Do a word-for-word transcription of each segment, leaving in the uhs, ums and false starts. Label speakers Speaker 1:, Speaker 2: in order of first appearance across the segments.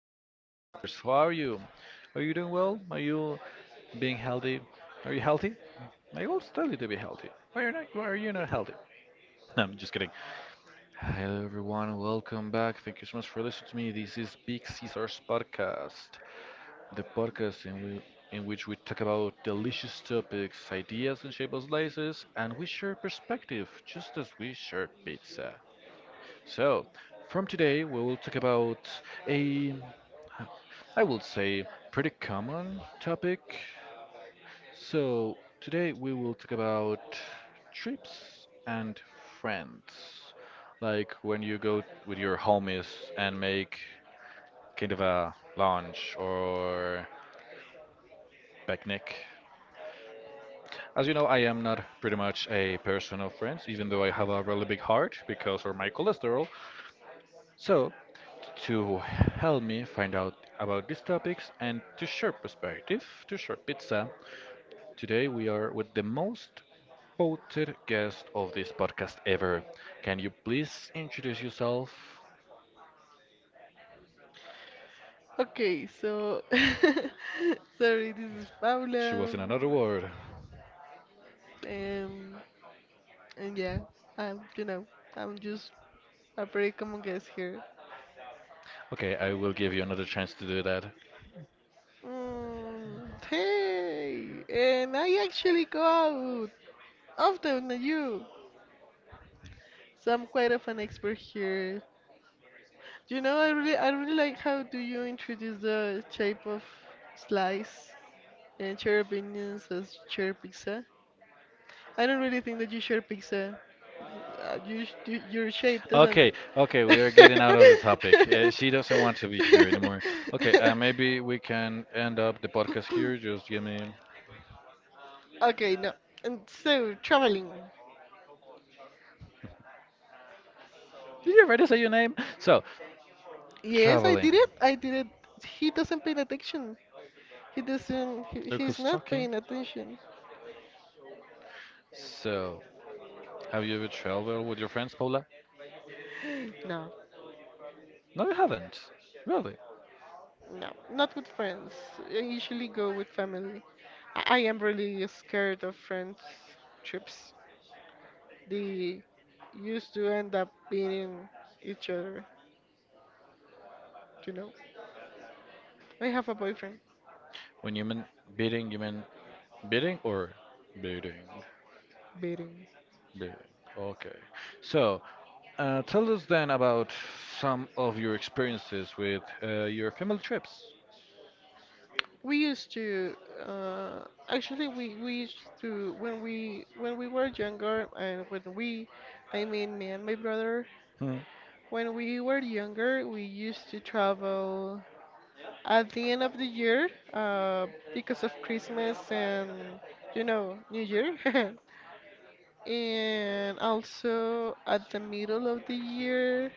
Speaker 1: Hello, listeners. How are you? Are you doing well? Are you being healthy? Are you healthy? I always tell you to be healthy. Why are you not? Why are you not healthy? No, I'm just kidding. Hello, everyone. Welcome back. Thank you so much for listening to me. This is Big Caesar's podcast, the podcast in we. In which we talk about delicious topics, ideas, and shapeless slices, and we share perspective just as we share pizza. So, from today we will talk about a, I will say, pretty common topic. So, today we will talk about trips and friends. Like when you go with your homies and make kind of a lunch or picnic. As you know, I am not pretty much a person of friends, even though I have a really big heart because of my cholesterol. So, to help me find out about these topics and to share perspective, to share pizza. Today we are with the most voted guest of this podcast ever. Can you please introduce yourself?
Speaker 2: Sorry, this is
Speaker 1: She was
Speaker 2: Paula.
Speaker 1: in another word.
Speaker 2: Um, and yeah, I'm, you know, I'm just a pretty common guest here.
Speaker 1: Okay, I will give you another chance to do that.
Speaker 2: Mm, hey, and I actually go out often than you, so I'm quite of an expert here. You know, I really, I really like how do you introduce the shape of slice and share opinions as share pizza. I don't really think that you share pizza. Uh, you, sh- y- your shape doesn't.
Speaker 1: Okay, okay, we are getting out of the topic. Uh, she doesn't want to be here anymore. Okay, uh, maybe we can end up the podcast here. Just give me.
Speaker 2: Okay, no. And so traveling.
Speaker 1: Did you already say your name? So,
Speaker 2: Yes, I
Speaker 1: traveling.
Speaker 2: did it. I did it. He doesn't pay attention. He doesn't. He,
Speaker 1: Look
Speaker 2: he's
Speaker 1: who's
Speaker 2: not
Speaker 1: talking.
Speaker 2: paying attention.
Speaker 1: So, have you ever traveled with your friends, Paula?
Speaker 2: No,
Speaker 1: No, you haven't. Really?
Speaker 2: no, not with friends. I usually go with family. I, I am really scared of friends trips. They used to end up beating each other. You know. I have a boyfriend
Speaker 1: When you mean beating, you mean beating or beating?
Speaker 2: beating.
Speaker 1: Beating. Okay. So, uh, tell us then about some of your experiences with uh, your family trips.
Speaker 2: We used to uh, actually, we, we used to when we when we were younger, and when we I mean me and my brother,
Speaker 1: Hmm.
Speaker 2: when we were younger we used to travel at the end of the year uh, because of Christmas and you know New Year, and also at the middle of the year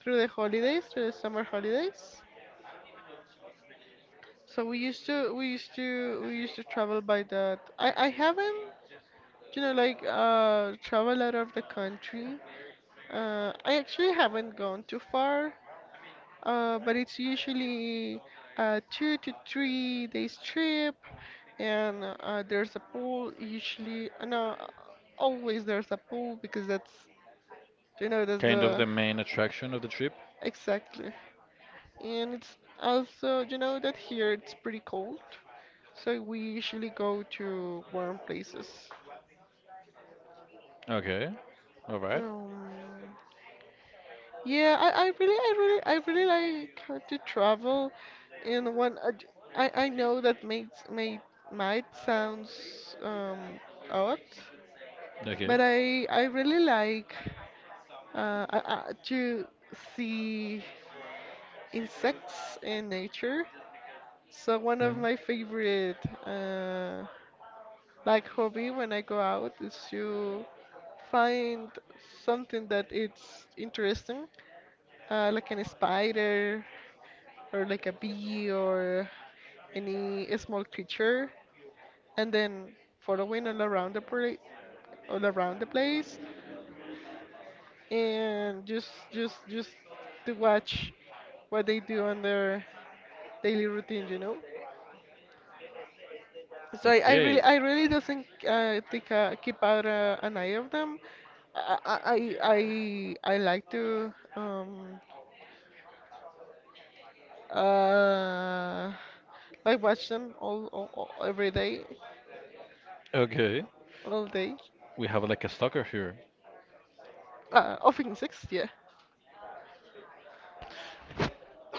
Speaker 2: through the holidays through the summer holidays. So we used to we used to we used to travel by that. I I haven't, you know like uh travel out of the country. Uh, I actually haven't gone too far. Uh, but it's usually a two to three days trip, and uh, there's a pool usually. Uh, no, always there's a pool because that's, you know that's
Speaker 1: Kind of
Speaker 2: the,
Speaker 1: the main attraction of the trip.
Speaker 2: exactly. And it's also, you know that here it's pretty cold, so we usually go to warm places.
Speaker 1: Okay. All right.
Speaker 2: Um, yeah, I, I really, I really, I really like uh, to travel. And one, uh, j- I, I know that may, may, might sounds um odd,
Speaker 1: Okay.
Speaker 2: but I, I really like, uh, I, I, to see insects in nature. So one of
Speaker 1: Hmm.
Speaker 2: my favorite uh like hobby when I go out is to find something that it's interesting, uh, like an spider or like a bee or any small creature, and then following all around the pra- all around the place, and just just just to watch what they do on their daily routine you know So I, I really
Speaker 1: Okay.
Speaker 2: I really doesn't uh, think uh, keep out uh, an eye of them. I I I, I I like to um uh like watch them all, all, all every day,
Speaker 1: Okay.
Speaker 2: all day.
Speaker 1: We have like a stalker here.
Speaker 2: Uh, often six, yeah.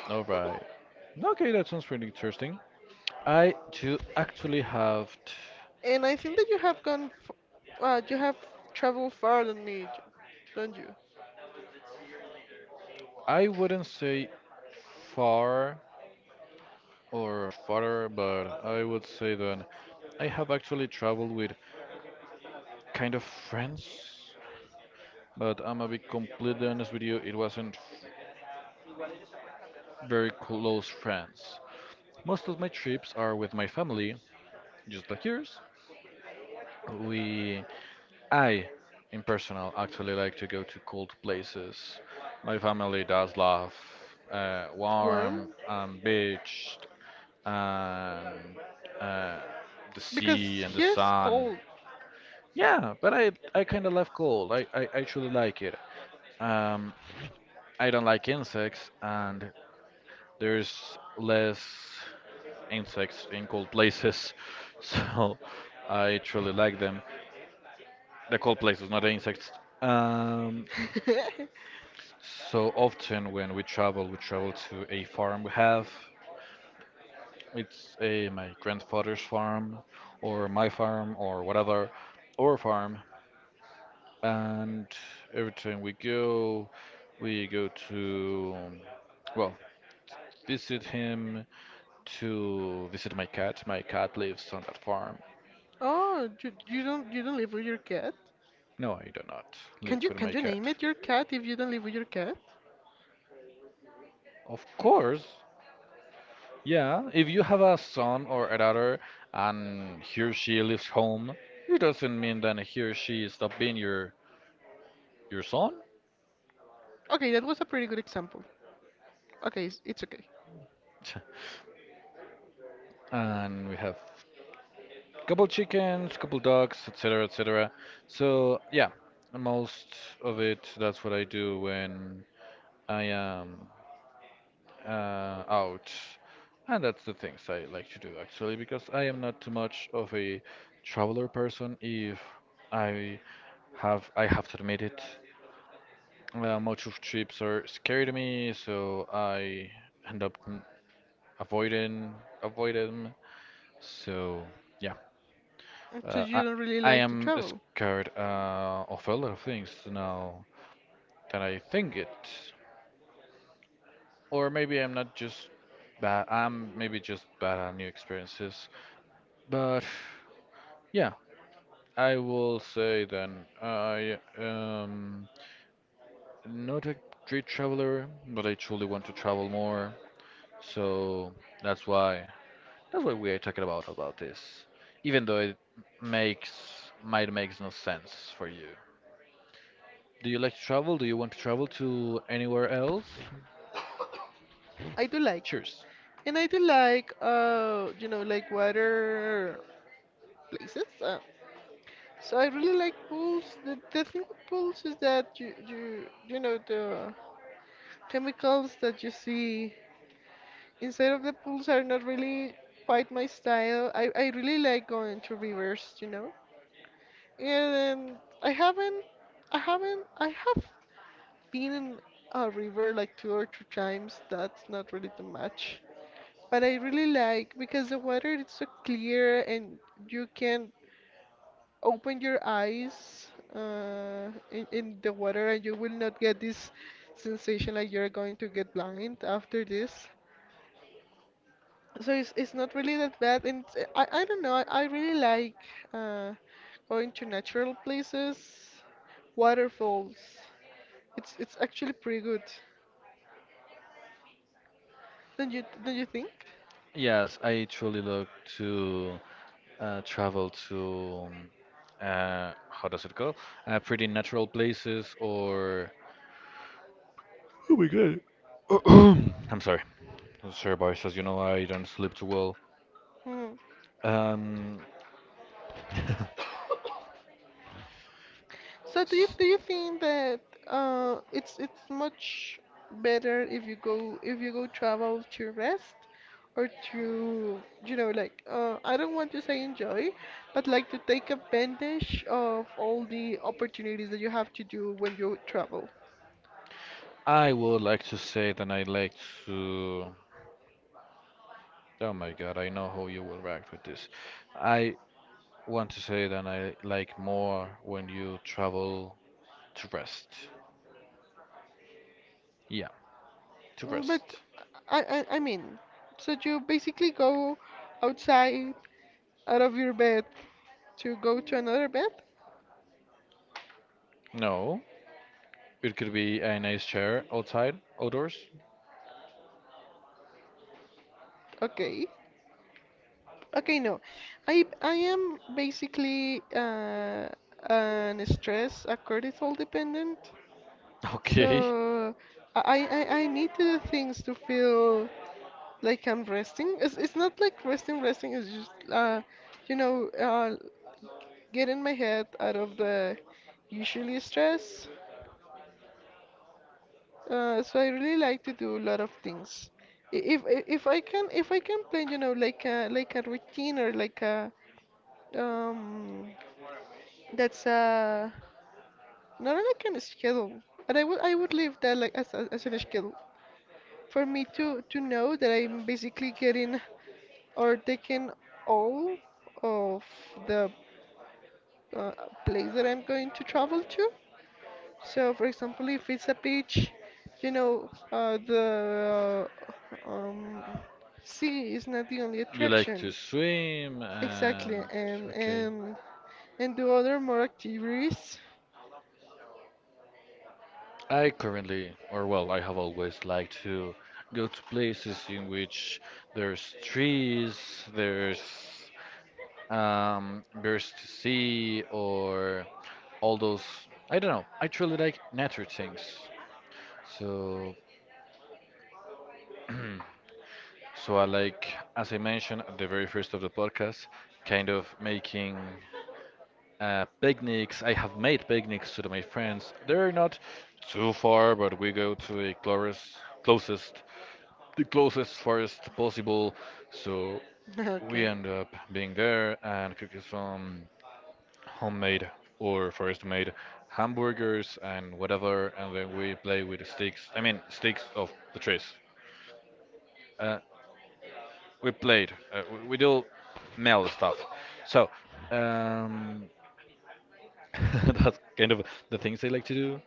Speaker 1: All right. Okay, that sounds pretty interesting. I do actually have, t-
Speaker 2: And I think that you have gone, f- uh, you have traveled far than me, j- don't you?
Speaker 1: I wouldn't say far or farther, but I would say that I have actually traveled with kind of friends, but I'm gonna be completely honest with you, it wasn't very close friends. Most of my trips are with my family, just like yours. We I, in personal, actually like to go to cold places. My family does love uh,
Speaker 2: Warm?
Speaker 1: warm and beach and uh, the
Speaker 2: Because
Speaker 1: sea and the
Speaker 2: here's
Speaker 1: sun.
Speaker 2: cold.
Speaker 1: Yeah, but I I kind of love cold. I, I actually like it. Um, I don't like insects, and there's less insects in cold places, so I truly like them. The cold places, not the insects. Um, So often when we travel, we travel to a farm we have. It's a my grandfather's farm, or my farm, or whatever, or farm. And every time we go, we go to, well, visit him to visit my cat. My cat lives on that farm.
Speaker 2: Oh, you, you don't you don't live with your cat?
Speaker 1: No, I do not
Speaker 2: Can
Speaker 1: live
Speaker 2: you
Speaker 1: with
Speaker 2: can
Speaker 1: my
Speaker 2: you name
Speaker 1: cat.
Speaker 2: it your cat if you don't live with your cat?
Speaker 1: Of course, yeah, if you have a son or a daughter and he or she leaves home, it doesn't mean that he or she stop being your your son.
Speaker 2: Okay, that was a pretty good example. Okay, it's, it's okay.
Speaker 1: And we have couple chickens, couple dogs, et cetera, et cetera. So yeah, most of it that's what I do when I am uh, out, and that's the things I like to do actually because I am not too much of a traveler person. If I have I have to admit it. Uh, much of trips are scary to me, so I end up n- avoiding avoid them. So yeah,
Speaker 2: So
Speaker 1: uh,
Speaker 2: you
Speaker 1: I
Speaker 2: don't really
Speaker 1: I
Speaker 2: like to
Speaker 1: am
Speaker 2: travel.
Speaker 1: scared uh, of a lot of things now that I think it, or maybe I'm not just bad. I'm maybe just bad at new experiences. But yeah, I will say then I am not a great traveler, but I truly want to travel more. So that's why. That's what we are talking about about this. Even though it makes might makes no sense for you. Do you like to travel? Do you want to travel to anywhere else?
Speaker 2: I do like,
Speaker 1: Cheers.
Speaker 2: and I do like, uh you know like water places. Uh, So I really like pools. The, the thing with pools is that you you you know the chemicals that you see inside of the pools are not really quite my style. I, I really like going to rivers, you know. And I haven't I haven't I have been in a river like two or three times. That's not really too much. But I really like because the water is so clear, and you can open your eyes uh, in, in the water and you will not get this sensation like you're going to get blind after this. So it's, it's not really that bad, and it's- I, I don't know, I, I really like uh, going to natural places, waterfalls. It's it's actually pretty good. Don't you don't you think?
Speaker 1: Yes, I truly look to uh, travel to uh, how does it go? Uh, pretty natural places or oh my god, I'm sorry, sir, boys. As you know, I don't sleep too well.
Speaker 2: Hmm.
Speaker 1: Um,
Speaker 2: So do you do you think that uh it's it's much better if you go if you go travel to rest, or to, you know like uh I don't want to say enjoy, but like to take advantage of all the opportunities that you have to do when you travel.
Speaker 1: I would like to say that I like to. Oh my God, I know how you will react with this. I want to say that I like more when you travel to rest. Yeah, to
Speaker 2: Mm, But
Speaker 1: rest.
Speaker 2: I I, I mean, so you basically go outside out of your bed to go to another bed?
Speaker 1: No, it could be a nice chair outside, outdoors.
Speaker 2: Okay. Okay, no. I I am basically uh, an stress, a cortisol dependent.
Speaker 1: Okay.
Speaker 2: So I, I I need the things to feel like I'm resting. It's it's not like resting, resting. It's just, uh, you know, uh, getting my head out of the usually stress. Uh, so I really like to do a lot of things. I- If I- if I can if I can plan, you know, like a like a routine, or like a um that's a Not on a kind of schedule, but I would I would leave that like as as, as in a schedule for me to to know that I'm basically getting or taking all of the uh, place that I'm going to travel to. So, for example, if it's a beach, you know, uh, the, uh, um, sea is not the only
Speaker 1: You like to
Speaker 2: attraction.
Speaker 1: swim and
Speaker 2: Exactly, and
Speaker 1: okay.
Speaker 2: and and do other more activities.
Speaker 1: I currently, or well, I have always liked to go to places in which there's trees, there's um, Burst Sea, or all those. I don't know. I truly like nature things. So, so I like, as I mentioned at the very first of the podcast, kind of making uh, picnics. I have made picnics to my friends. They're not too far, but we go to a closest, closest, the closest forest possible. So we
Speaker 2: Okay.
Speaker 1: end up being there and cooking some homemade or forest made hamburgers and whatever, and then we play with sticks. I mean, sticks of the trees. Uh, we played. Uh, we, we do male stuff. So um, that's kind of the things I like to do.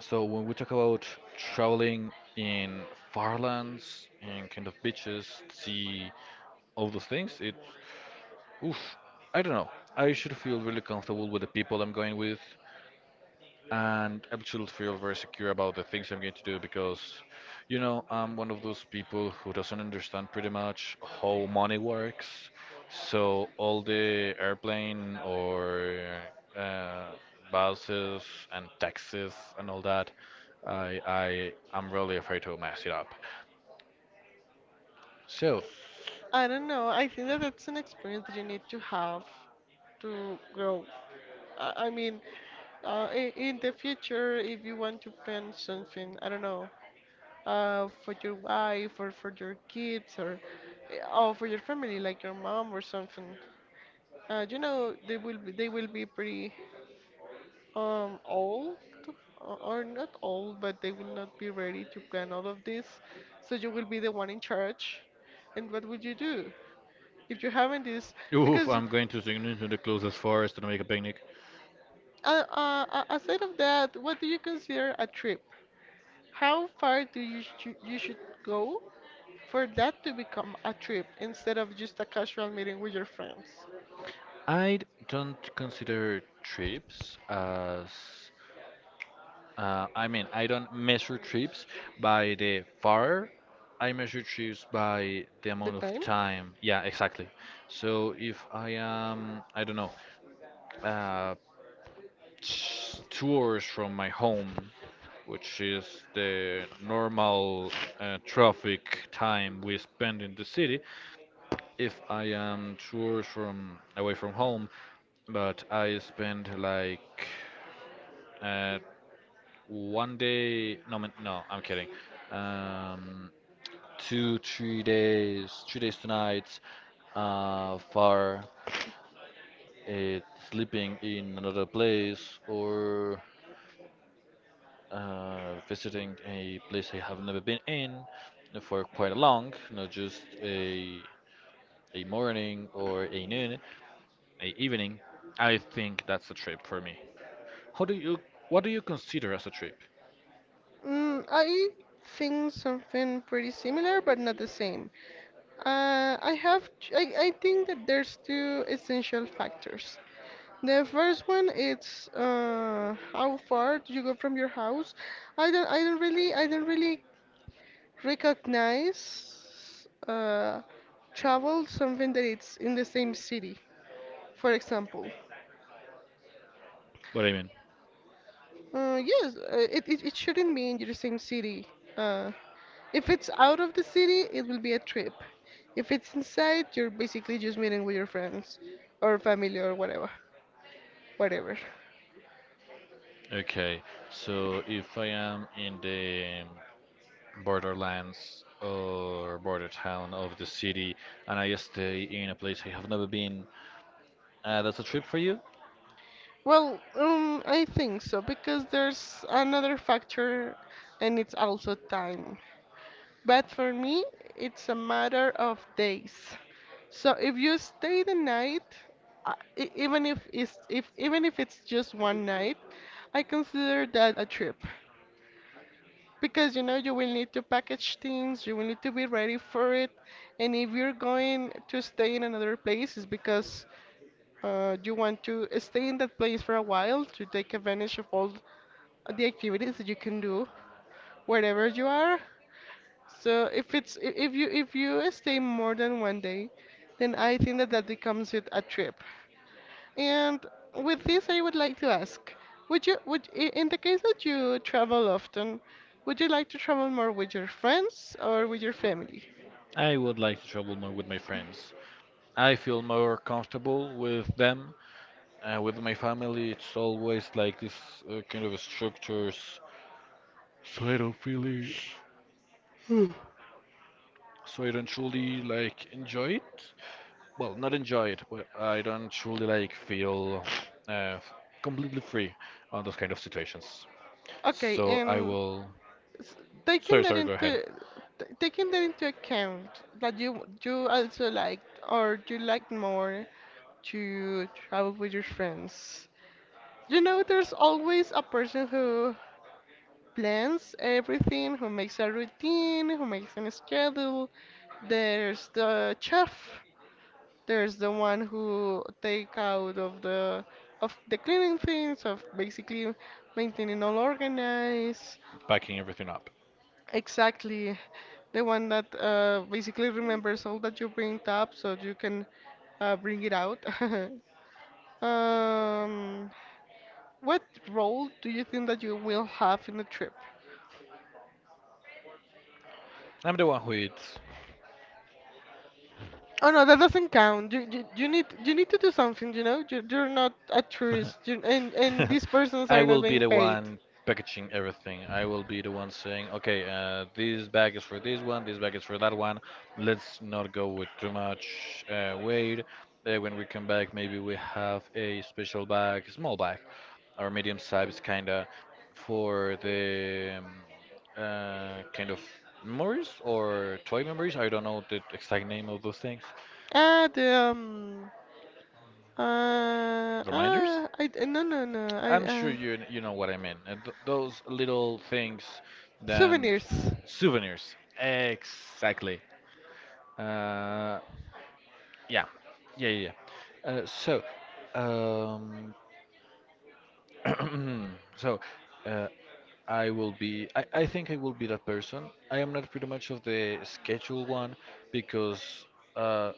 Speaker 1: So when we talk about traveling in far lands, in kind of beaches, sea, all those things, it, oof. I don't know. I should feel really comfortable with the people I'm going with, and I should feel very secure about the things I'm going to do because, you know, I'm one of those people who doesn't understand pretty much how money works. So all the airplane or uh, buses and taxes and all that, I I am really afraid to mess it up. So,
Speaker 2: I don't know. I think that that's an experience that you need to have to grow. I, I mean, uh, i- in the future, if you want to plan something, I don't know, uh, for your wife or for your kids or uh, or for your family, like your mom or something, uh, you know, they will be, they will be pretty um old, o- or not old, but they will not be ready to plan all of this. So you will be the one in charge. And what would you do if you haven't this?
Speaker 1: oof,
Speaker 2: Because
Speaker 1: I'm going to swing into the closest forest and make a picnic.
Speaker 2: uh, uh, uh, aside of that, what do you consider a trip? How far do you sh- you should go for that to become a trip instead of just a casual meeting with your friends?
Speaker 1: I don't consider trips as Uh, I mean, I don't measure trips by the far. I measure trips by the
Speaker 2: The
Speaker 1: amount of
Speaker 2: time?
Speaker 1: time. Yeah, exactly. So if I am, I don't know, uh, t- two hours from my home, which is the normal uh, traffic time we spend in the city, if I am two hours from away from home, but I spend like uh, One day, no, man- no, I'm kidding. Um, two, three days three days, two nights, uh, for uh, sleeping in another place or uh, visiting a place I have never been in for quite long, not just a a morning or a noon, a evening. I think that's a trip for me. How do you, what do you consider as a trip?
Speaker 2: Mm, I think something pretty similar, but not the same. Uh, I have t- I, I think that there's two essential factors. The first one is, uh, how far do you go from your house? I don't I don't really I don't really recognize, uh, travel something that it's in the same city, for example.
Speaker 1: What do you mean?
Speaker 2: Uh, yes, uh, it, it, it shouldn't be in your same city. Uh, if it's out of the city, it will be a trip. If it's inside, you're basically just meeting with your friends or family or whatever, whatever.
Speaker 1: Okay, so if I am in the borderlands or border town of the city and I stay in a place I have never been, uh, that's a trip for you?
Speaker 2: Well, um, I think so because there's another factor, and it's also time. But for me, it's a matter of days. So if you stay the night, uh, e- even if it's if even if it's just one night, I consider that a trip, because you know you will need to package things, you will need to be ready for it, and if you're going to stay in another place, it's because uh, you want to stay in that place for a while to take advantage of all the activities that you can do wherever you are. So if it's I- if you if you stay more than one day, then I think that that becomes it a trip. And with this, I would like to ask, would you would I- in the case that you travel often, would you like to travel more with your friends or with your family?
Speaker 1: I would like to travel more with my friends. I feel more comfortable with them. Uh, with my family, it's always like this uh, kind of structures, so I don't really, so I don't truly like enjoy it. Well, not enjoy it, but I don't truly like feel uh, f- completely free on those kind of situations.
Speaker 2: Okay,
Speaker 1: So I
Speaker 2: and
Speaker 1: will.
Speaker 2: s- taking
Speaker 1: Sorry,
Speaker 2: that
Speaker 1: sorry. Go ahead.
Speaker 2: into t- taking that into account that you you also liked, or you like more to travel with your friends. You know, there's always a person who plans everything, who makes a routine, who makes a schedule. There's the chef. There's the one who take out of the of the cleaning things, of basically maintaining all organized.
Speaker 1: Backing everything up.
Speaker 2: Exactly. The one that, uh, basically remembers all that you bring up so you can uh, bring it out. Um, what role do you think that you will have in the trip?
Speaker 1: I'm the one who eats.
Speaker 2: Oh no, that doesn't count. You, you you need you need to do something. You know, you you're not a tourist, you, and and these persons
Speaker 1: I
Speaker 2: are not
Speaker 1: will be
Speaker 2: being
Speaker 1: the
Speaker 2: paid.
Speaker 1: one packaging everything. I will be the one saying, okay, uh, this bag is for this one, this bag is for that one. Let's not go with too much uh, weight. Uh, when we come back, maybe we have a special bag, small bag, or medium size kind of for the um, uh, kind of memories or toy memories. I don't know the exact name of those things.
Speaker 2: Ah, the, um, uh,
Speaker 1: Reminders?
Speaker 2: ah, I d- no, no, no, I
Speaker 1: I'm
Speaker 2: uh,
Speaker 1: sure you kn- you know what I mean. Uh, th- those little things, then
Speaker 2: souvenirs.
Speaker 1: souvenirs. Exactly. Uh, yeah, yeah, yeah. yeah. Uh, so, um, so uh, I will be. I, I think I will be that person. I am not pretty much of the schedule one because. Uh,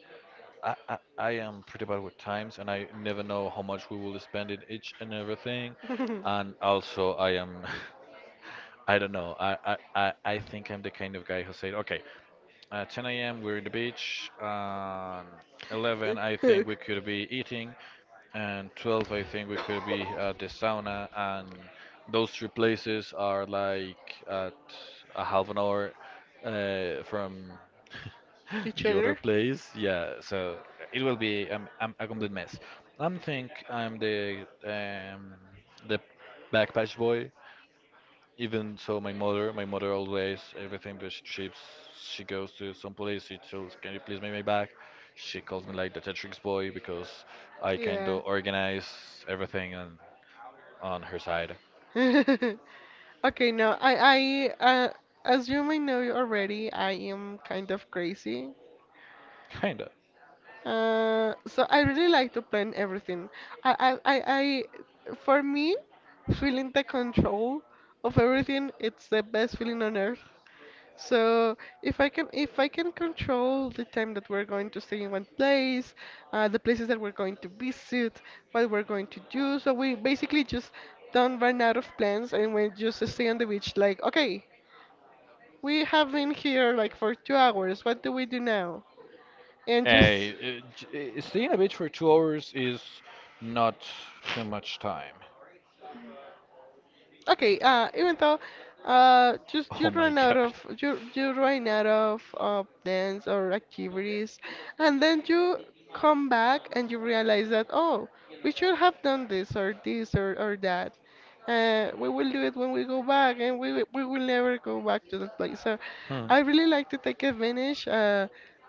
Speaker 1: I, I, I am pretty bad with times and I never know how much we will spend in each and everything. And also, I am, I don't know, I, I, I I think I'm the kind of guy who said, okay, at ten a m, we're in the beach. Um, eleven, I think we could be eating. And twelve, I think we could be at the sauna. And those three places are like at a half an hour uh, from
Speaker 2: Each
Speaker 1: the other
Speaker 2: other.
Speaker 1: place. Yeah, so it will be um, um, a complete mess. I think I'm the um, the backpatch boy, even so my mother my mother always everything that she ships she goes to some place she tells can you please make my bag, she calls me like the Tetris boy because I kind
Speaker 2: Yeah.
Speaker 1: of organize everything on on her side,
Speaker 2: Okay, no, I I uh, as you may know already, I am kind of crazy.
Speaker 1: kind of.
Speaker 2: Uh, so I really like to plan everything. I, I, I, I, for me, feeling the control of everything, it's the best feeling on earth. So if I can, if I can control the time that we're going to stay in one place, uh, the places that we're going to visit, what we're going to do, so we basically just don't run out of plans and we just stay on the beach. Like, okay, we have been here like for two hours. What do we do now? And just
Speaker 1: Hey, uh, j- uh, staying a beach for two hours is not too much time.
Speaker 2: Okay, uh, even though uh, just you
Speaker 1: Oh my
Speaker 2: run out
Speaker 1: god.
Speaker 2: of you you run out of uh, dance or activities, and then you come back and you realize that oh, we should have done this or this or, or that. Uh, we will do it when we go back, and we will- we will never go back to that place. So,
Speaker 1: Hmm.
Speaker 2: I really like to take advantage uh,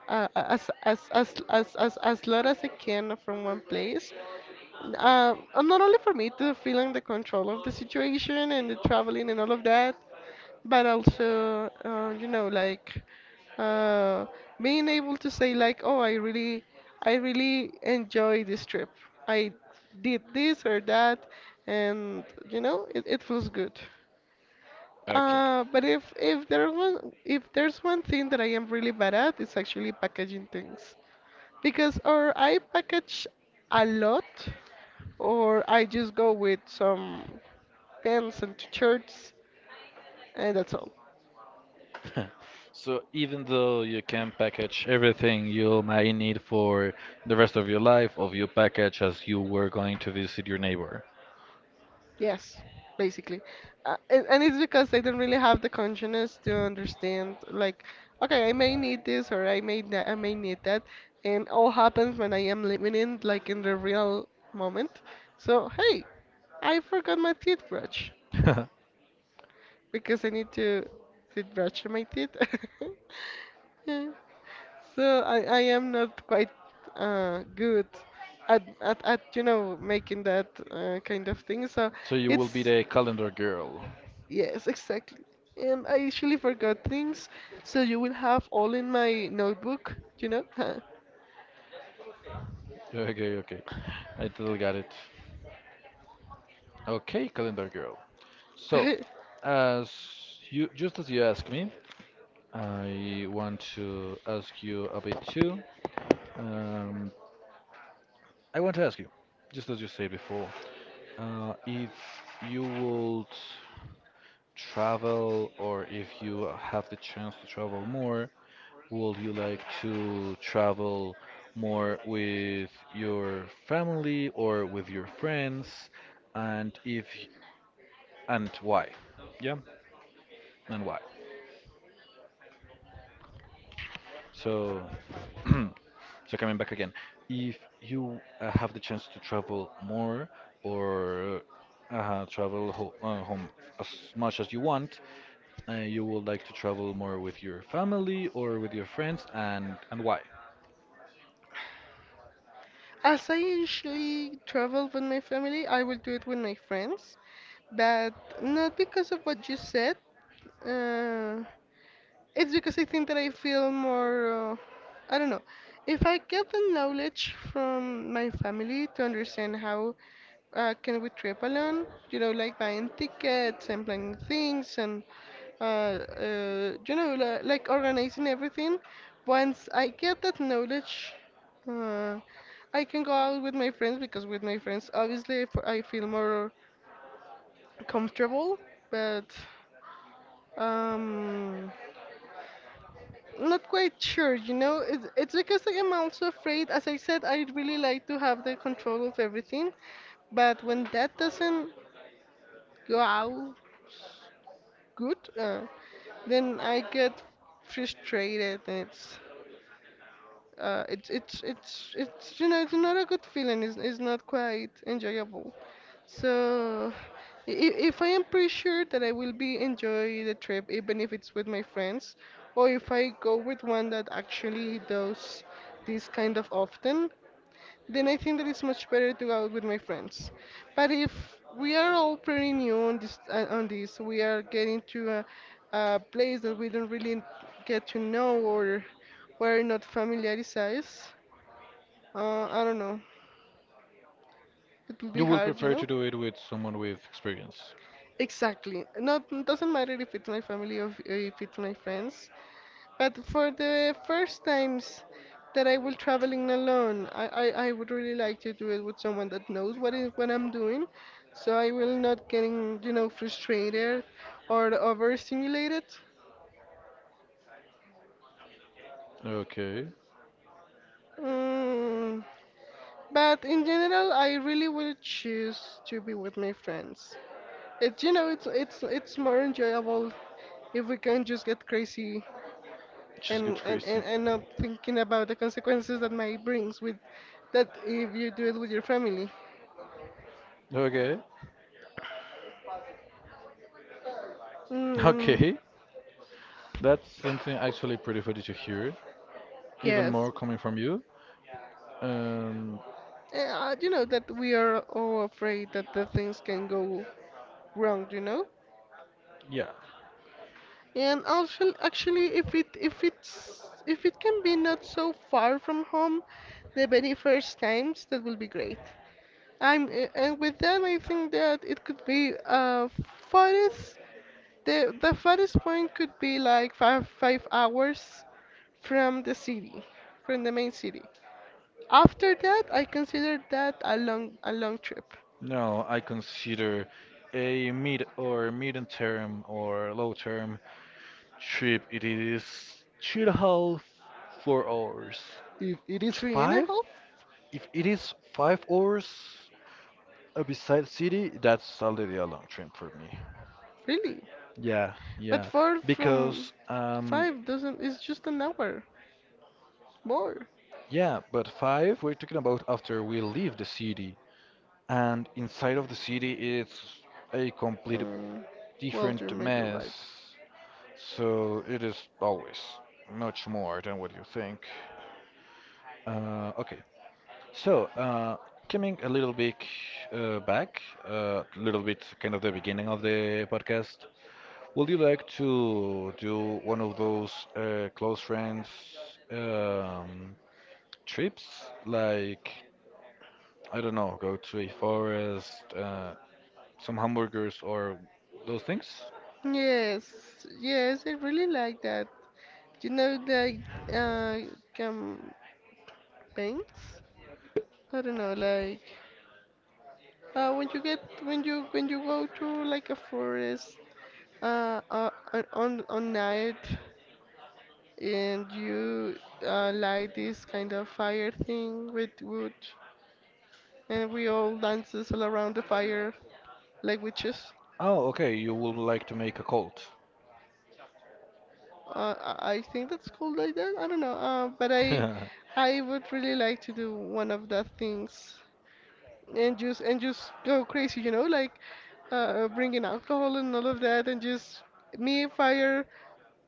Speaker 2: uh, as as as as as as lot as I can from one place, uh, uh, not only for me to feeling the control of the situation and the traveling and all of that, but also, uh, you know, like uh, being able to say like, oh, I really, I really enjoy this trip. I did this or that, and you know, it, it feels good.
Speaker 1: Okay.
Speaker 2: Uh, but if if there was if there's one thing that I am really bad at, it's actually packaging things because or I package a lot or I just go with some pants and t shirts and that's all.
Speaker 1: So even though you can package everything you might need for the rest of your life, of you package as you were going to visit your neighbor.
Speaker 2: Yes, basically. Uh, and, and it's because I don't really have the consciousness to understand like okay, I may need this or I may that I may need that, and all happens when I am living in like in the real moment. So, hey, I forgot my toothbrush because I need to toothbrush my teeth. Yeah. So I, I am not quite uh, good at, at, at you know making that uh, kind of thing. So
Speaker 1: So you will be
Speaker 2: it's,
Speaker 1: the calendar girl.
Speaker 2: yes, exactly. And I usually forgot things, so you will have all in my notebook, you know.
Speaker 1: Okay, okay, okay. I totally got it. Okay, calendar girl. So, as you just as you asked me, I want to ask you a bit too. Um, I want to ask you, just as you said before, uh, if you would travel, or if you have the chance to travel more, would you like to travel more with your family or with your friends? And if and why? Yeah, and why? So, so coming back again, if you uh, have the chance to travel more or uh, travel ho uh, home as much as you want, uh, you would like to travel more with your family or with your friends, and and why?
Speaker 2: As I usually travel with my family, I will do it with my friends, but not because of what you said. Uh, It's because I think that I feel more, uh, I don't know. If I get the knowledge from my family to understand how uh, can we trip alone, you know, like buying tickets and planning things and, uh, uh, you know, li- like organizing everything, once I get that knowledge, uh, I can go out with my friends because with my friends, obviously, I f- I feel more comfortable, but. Um, Not quite sure, you know. It's, it's because I am also afraid, as I said, I really like to have the control of everything, but when that doesn't go out good, uh, then I get frustrated, and it's uh it's it's it's it's you know it's not a good feeling it's, it's not quite enjoyable. So, i- i- if I am pretty sure that I will be enjoy the trip, even if it's with my friends, or if I go with one that actually does this kind of often, then I think that it's much better to go out with my friends. But if we are all pretty new on this, uh, on this, we are getting to a, a place that we don't really get to know or we're not familiarized. Uh, I don't know. It will
Speaker 1: You
Speaker 2: be
Speaker 1: would
Speaker 2: hard, you
Speaker 1: prefer to
Speaker 2: know.
Speaker 1: do it with someone with experience.
Speaker 2: Exactly. Not doesn't matter if it's my family or if if it's my friends. But for the first times that I will traveling alone, I, I, I would really like to do it with someone that knows what is what I'm doing, so I will not getting you know frustrated or overstimulated.
Speaker 1: Okay,
Speaker 2: Mm. But in general, I really would choose to be with my friends. It's you know it's it's it's more enjoyable if we can just get crazy
Speaker 1: just get
Speaker 2: and and,
Speaker 1: crazy.
Speaker 2: and and not thinking about the consequences that might brings with that if you do it with your family.
Speaker 1: Okay,
Speaker 2: Mm,
Speaker 1: okay, that's something actually pretty funny to hear. Even
Speaker 2: yes.
Speaker 1: more coming from you. Um,
Speaker 2: Eh, uh, you know that we are all afraid that the things can go wrong, you know.
Speaker 1: yeah.
Speaker 2: And also, actually, if it if it's if it can be not so far from home, the very first times, that will be great. I'm eh, and with that, I think that it could be, uh farthest the the farthest point could be like five five hours from the city, from the main city. After that, I considered that a long, a long trip.
Speaker 1: No, I consider a mid or medium term or low term trip. It is three and a half, four hours. If it is
Speaker 2: Three and a
Speaker 1: five.
Speaker 2: half,
Speaker 1: If it is five hours uh, beside city, that's already a long train for me.
Speaker 2: really?
Speaker 1: Yeah,
Speaker 2: But
Speaker 1: yeah.
Speaker 2: four from
Speaker 1: Because, um,
Speaker 2: five doesn't. It's just an hour more.
Speaker 1: yeah, but five, we're talking about after we leave the city. And inside of the city, it's a complete
Speaker 2: Hmm. Well, you
Speaker 1: different
Speaker 2: may be
Speaker 1: mess.
Speaker 2: right.
Speaker 1: So it is always much more than what you think. Uh, okay, so uh, coming a little bit uh, back, uh, a little bit kind of the beginning of the podcast. Would you like to do one of those uh, close friends um, trips? Like, I don't know, go to a forest, uh, some hamburgers, or those things?
Speaker 2: Yes, yes, I really like that. You know, like uh, campaigns. I don't know, like uh, when you get when you when you go to like a forest, uh, uh on on on night, and you uh, light this kind of fire thing with wood, and we all dances all around the fire like witches.
Speaker 1: Oh, okay, you would like to make a cult.
Speaker 2: Uh, I I think that's cool like that. I don't know. Uh, but I, I would really like to do one of the things, and just and just go crazy, you know, like uh, bringing alcohol and all of that, and just me fire,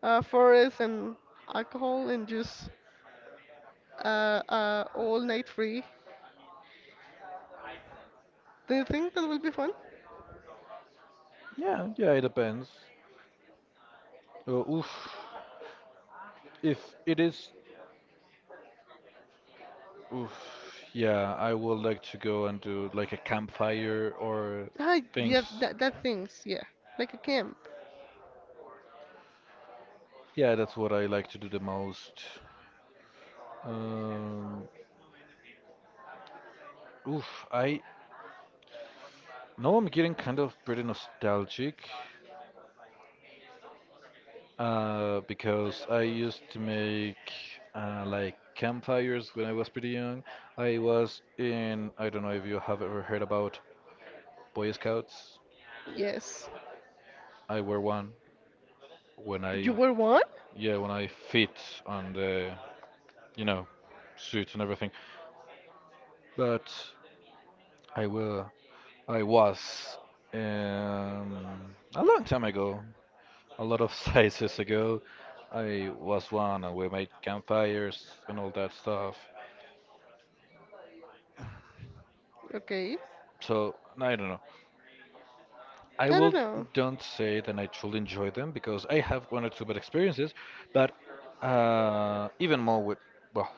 Speaker 2: uh, forest and alcohol, and just uh, uh, all night free. Do you think that will be fun?
Speaker 1: Yeah, yeah, it depends. Uh, oof. If it is, oof, yeah, I would like to go and do like a campfire or
Speaker 2: Hi, yeah,
Speaker 1: things.
Speaker 2: that, that things, yeah. Like a camp.
Speaker 1: Yeah, that's what I like to do the most. Um, Oof, I now I'm getting kind of pretty nostalgic uh, because I used to make uh, like campfires when I was pretty young. I was in, I don't know if you have ever heard about Boy Scouts.
Speaker 2: Yes.
Speaker 1: I were one when I,
Speaker 2: You were one?
Speaker 1: yeah, when I fit on the, you know, suit and everything. But I will, I was um, a long time ago. A lot of sizes ago. I was one and we made campfires and all that stuff.
Speaker 2: Okay.
Speaker 1: So I don't know. I
Speaker 2: I don't
Speaker 1: will
Speaker 2: know.
Speaker 1: don't say that I truly enjoy them because I have one or two bad experiences, but uh, even more with well,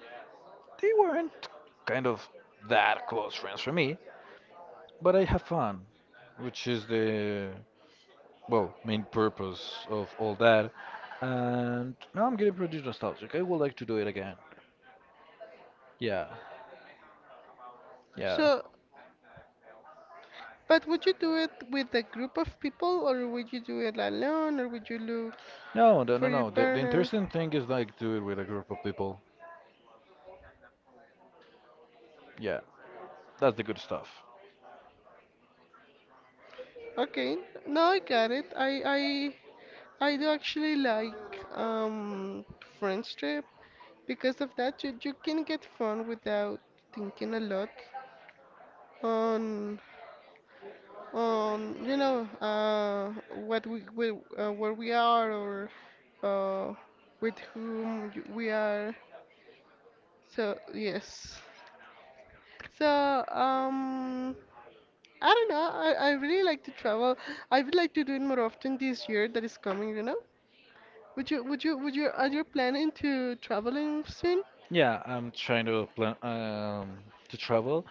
Speaker 1: they weren't kind of that close friends for me, but I have fun, which is the well main purpose of all that. And now I'm getting pretty nostalgic. I would like to do it again. Yeah, yeah.
Speaker 2: So, but would you do it with a group of people, or would you do it alone, or would you look
Speaker 1: No, no, no,
Speaker 2: for your
Speaker 1: no. The, the
Speaker 2: partner?
Speaker 1: interesting thing is like do it with a group of people. Yeah, that's the good stuff.
Speaker 2: Okay. No, I got it. I I I do actually like um friends trip because of that you, you can get fun without thinking a lot on. Um, you know, uh, what we, we uh, where we are, or uh, with whom y- we are. So yes. So um, I don't know. I, I really like to travel. I would like to do it more often this year that is coming. You know, would you would you would you are you planning to traveling soon?
Speaker 1: Yeah, I'm trying to plan um, to travel.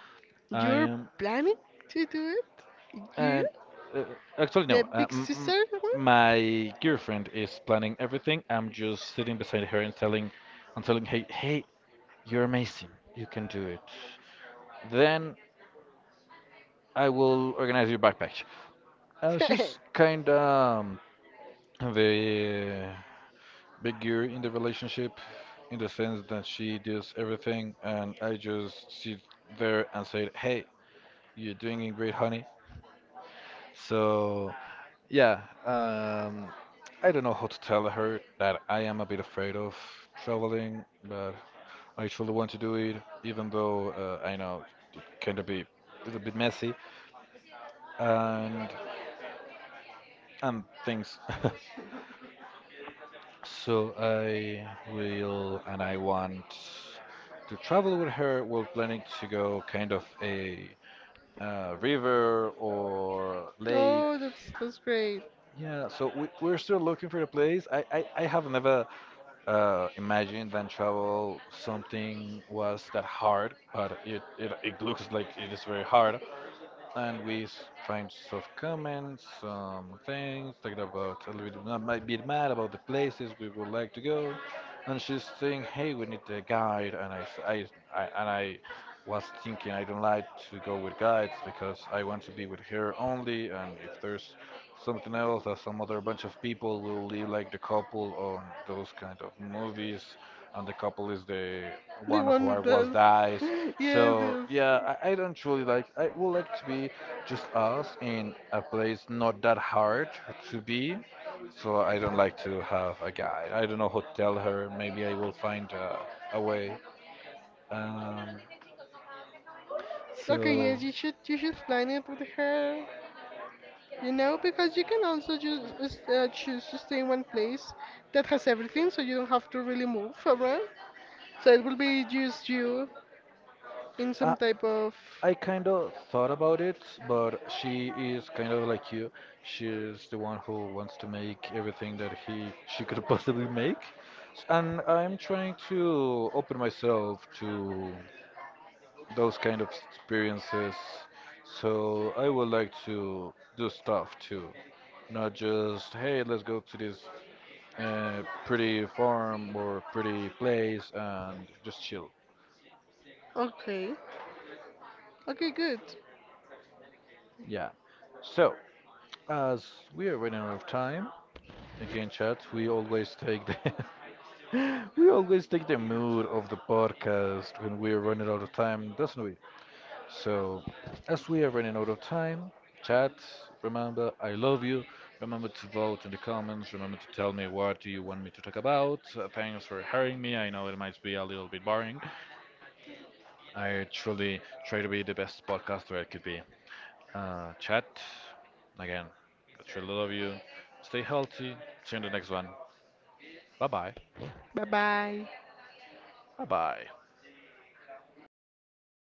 Speaker 1: I
Speaker 2: You're
Speaker 1: am,
Speaker 2: planning to do it? You?
Speaker 1: and uh, Actually no.
Speaker 2: The
Speaker 1: Uh,
Speaker 2: big
Speaker 1: m m
Speaker 2: sister
Speaker 1: My girlfriend is planning everything. I'm just sitting beside her and telling, and telling, hey, hey, you're amazing. You can do it. Then I will organize your backpack. Uh,
Speaker 2: one?
Speaker 1: she's kind of the big gear in the relationship in the sense that she does everything and I just sit there and say, hey, you're doing it great, honey. So, yeah, um, I don't know how to tell her that I am a bit afraid of traveling, but I truly want to do it, even though uh, I know it kind of be a little bit messy and and things. So I will, and I want to travel with her. We're planning to go kind of a uh, river or lake.
Speaker 2: Oh, that's that's great.
Speaker 1: Yeah, so we, we're still looking for a place. I, I, I have never uh, imagined that travel something was that hard, but it, it, it looks like it is very hard. And we s- find some comments, some things, talking about a little bit, I might be mad about the places we would like to go. And she's saying, hey, we need a guide. And I, s- I- I- and I was thinking I don't like to go with guides because I want to be with her only, and if there's something else that some other bunch of people will live like the couple on those kind of movies, and the couple is the
Speaker 2: The
Speaker 1: one who
Speaker 2: one
Speaker 1: are
Speaker 2: that
Speaker 1: was
Speaker 2: does.
Speaker 1: dies.
Speaker 2: Yes,
Speaker 1: So
Speaker 2: yes.
Speaker 1: yeah, I, I don't truly like. I would like to be just us in a place not that hard to be. So I don't like to have a guide. I don't know how to tell her. Maybe I will find uh, a way. Um,
Speaker 2: Okay,
Speaker 1: so
Speaker 2: yes, you should you should plan it with her. You know, because you can also just just, uh, choose to stay in one place that has everything, so you don't have to really move around. So it will be just you in
Speaker 1: I,
Speaker 2: some type of.
Speaker 1: I kind of thought about it, but she is kind of like you. She's the one who wants to make everything that he she could possibly make. S- And I'm trying to open myself to those kind of experiences. So I would like to do stuff too, not just, hey, let's go to this uh, pretty farm or pretty place and just chill.
Speaker 2: Okay. Okay, good.
Speaker 1: Yeah. So, as we are running out of time, again, chat, we always take the we always take the mood of the podcast when we're running out of time, doesn't we? So, as we are running out of time, chat, remember I love you. Remember to vote in the comments. Remember to tell me what do you want me to talk about. Uh, thanks for hearing me. I know it might be a little bit boring. I truly try to be the best podcaster I could be. Uh, chat, again, I truly love you. Stay healthy. See you in the next one. Bye bye.
Speaker 2: Bye bye.
Speaker 1: Bye bye.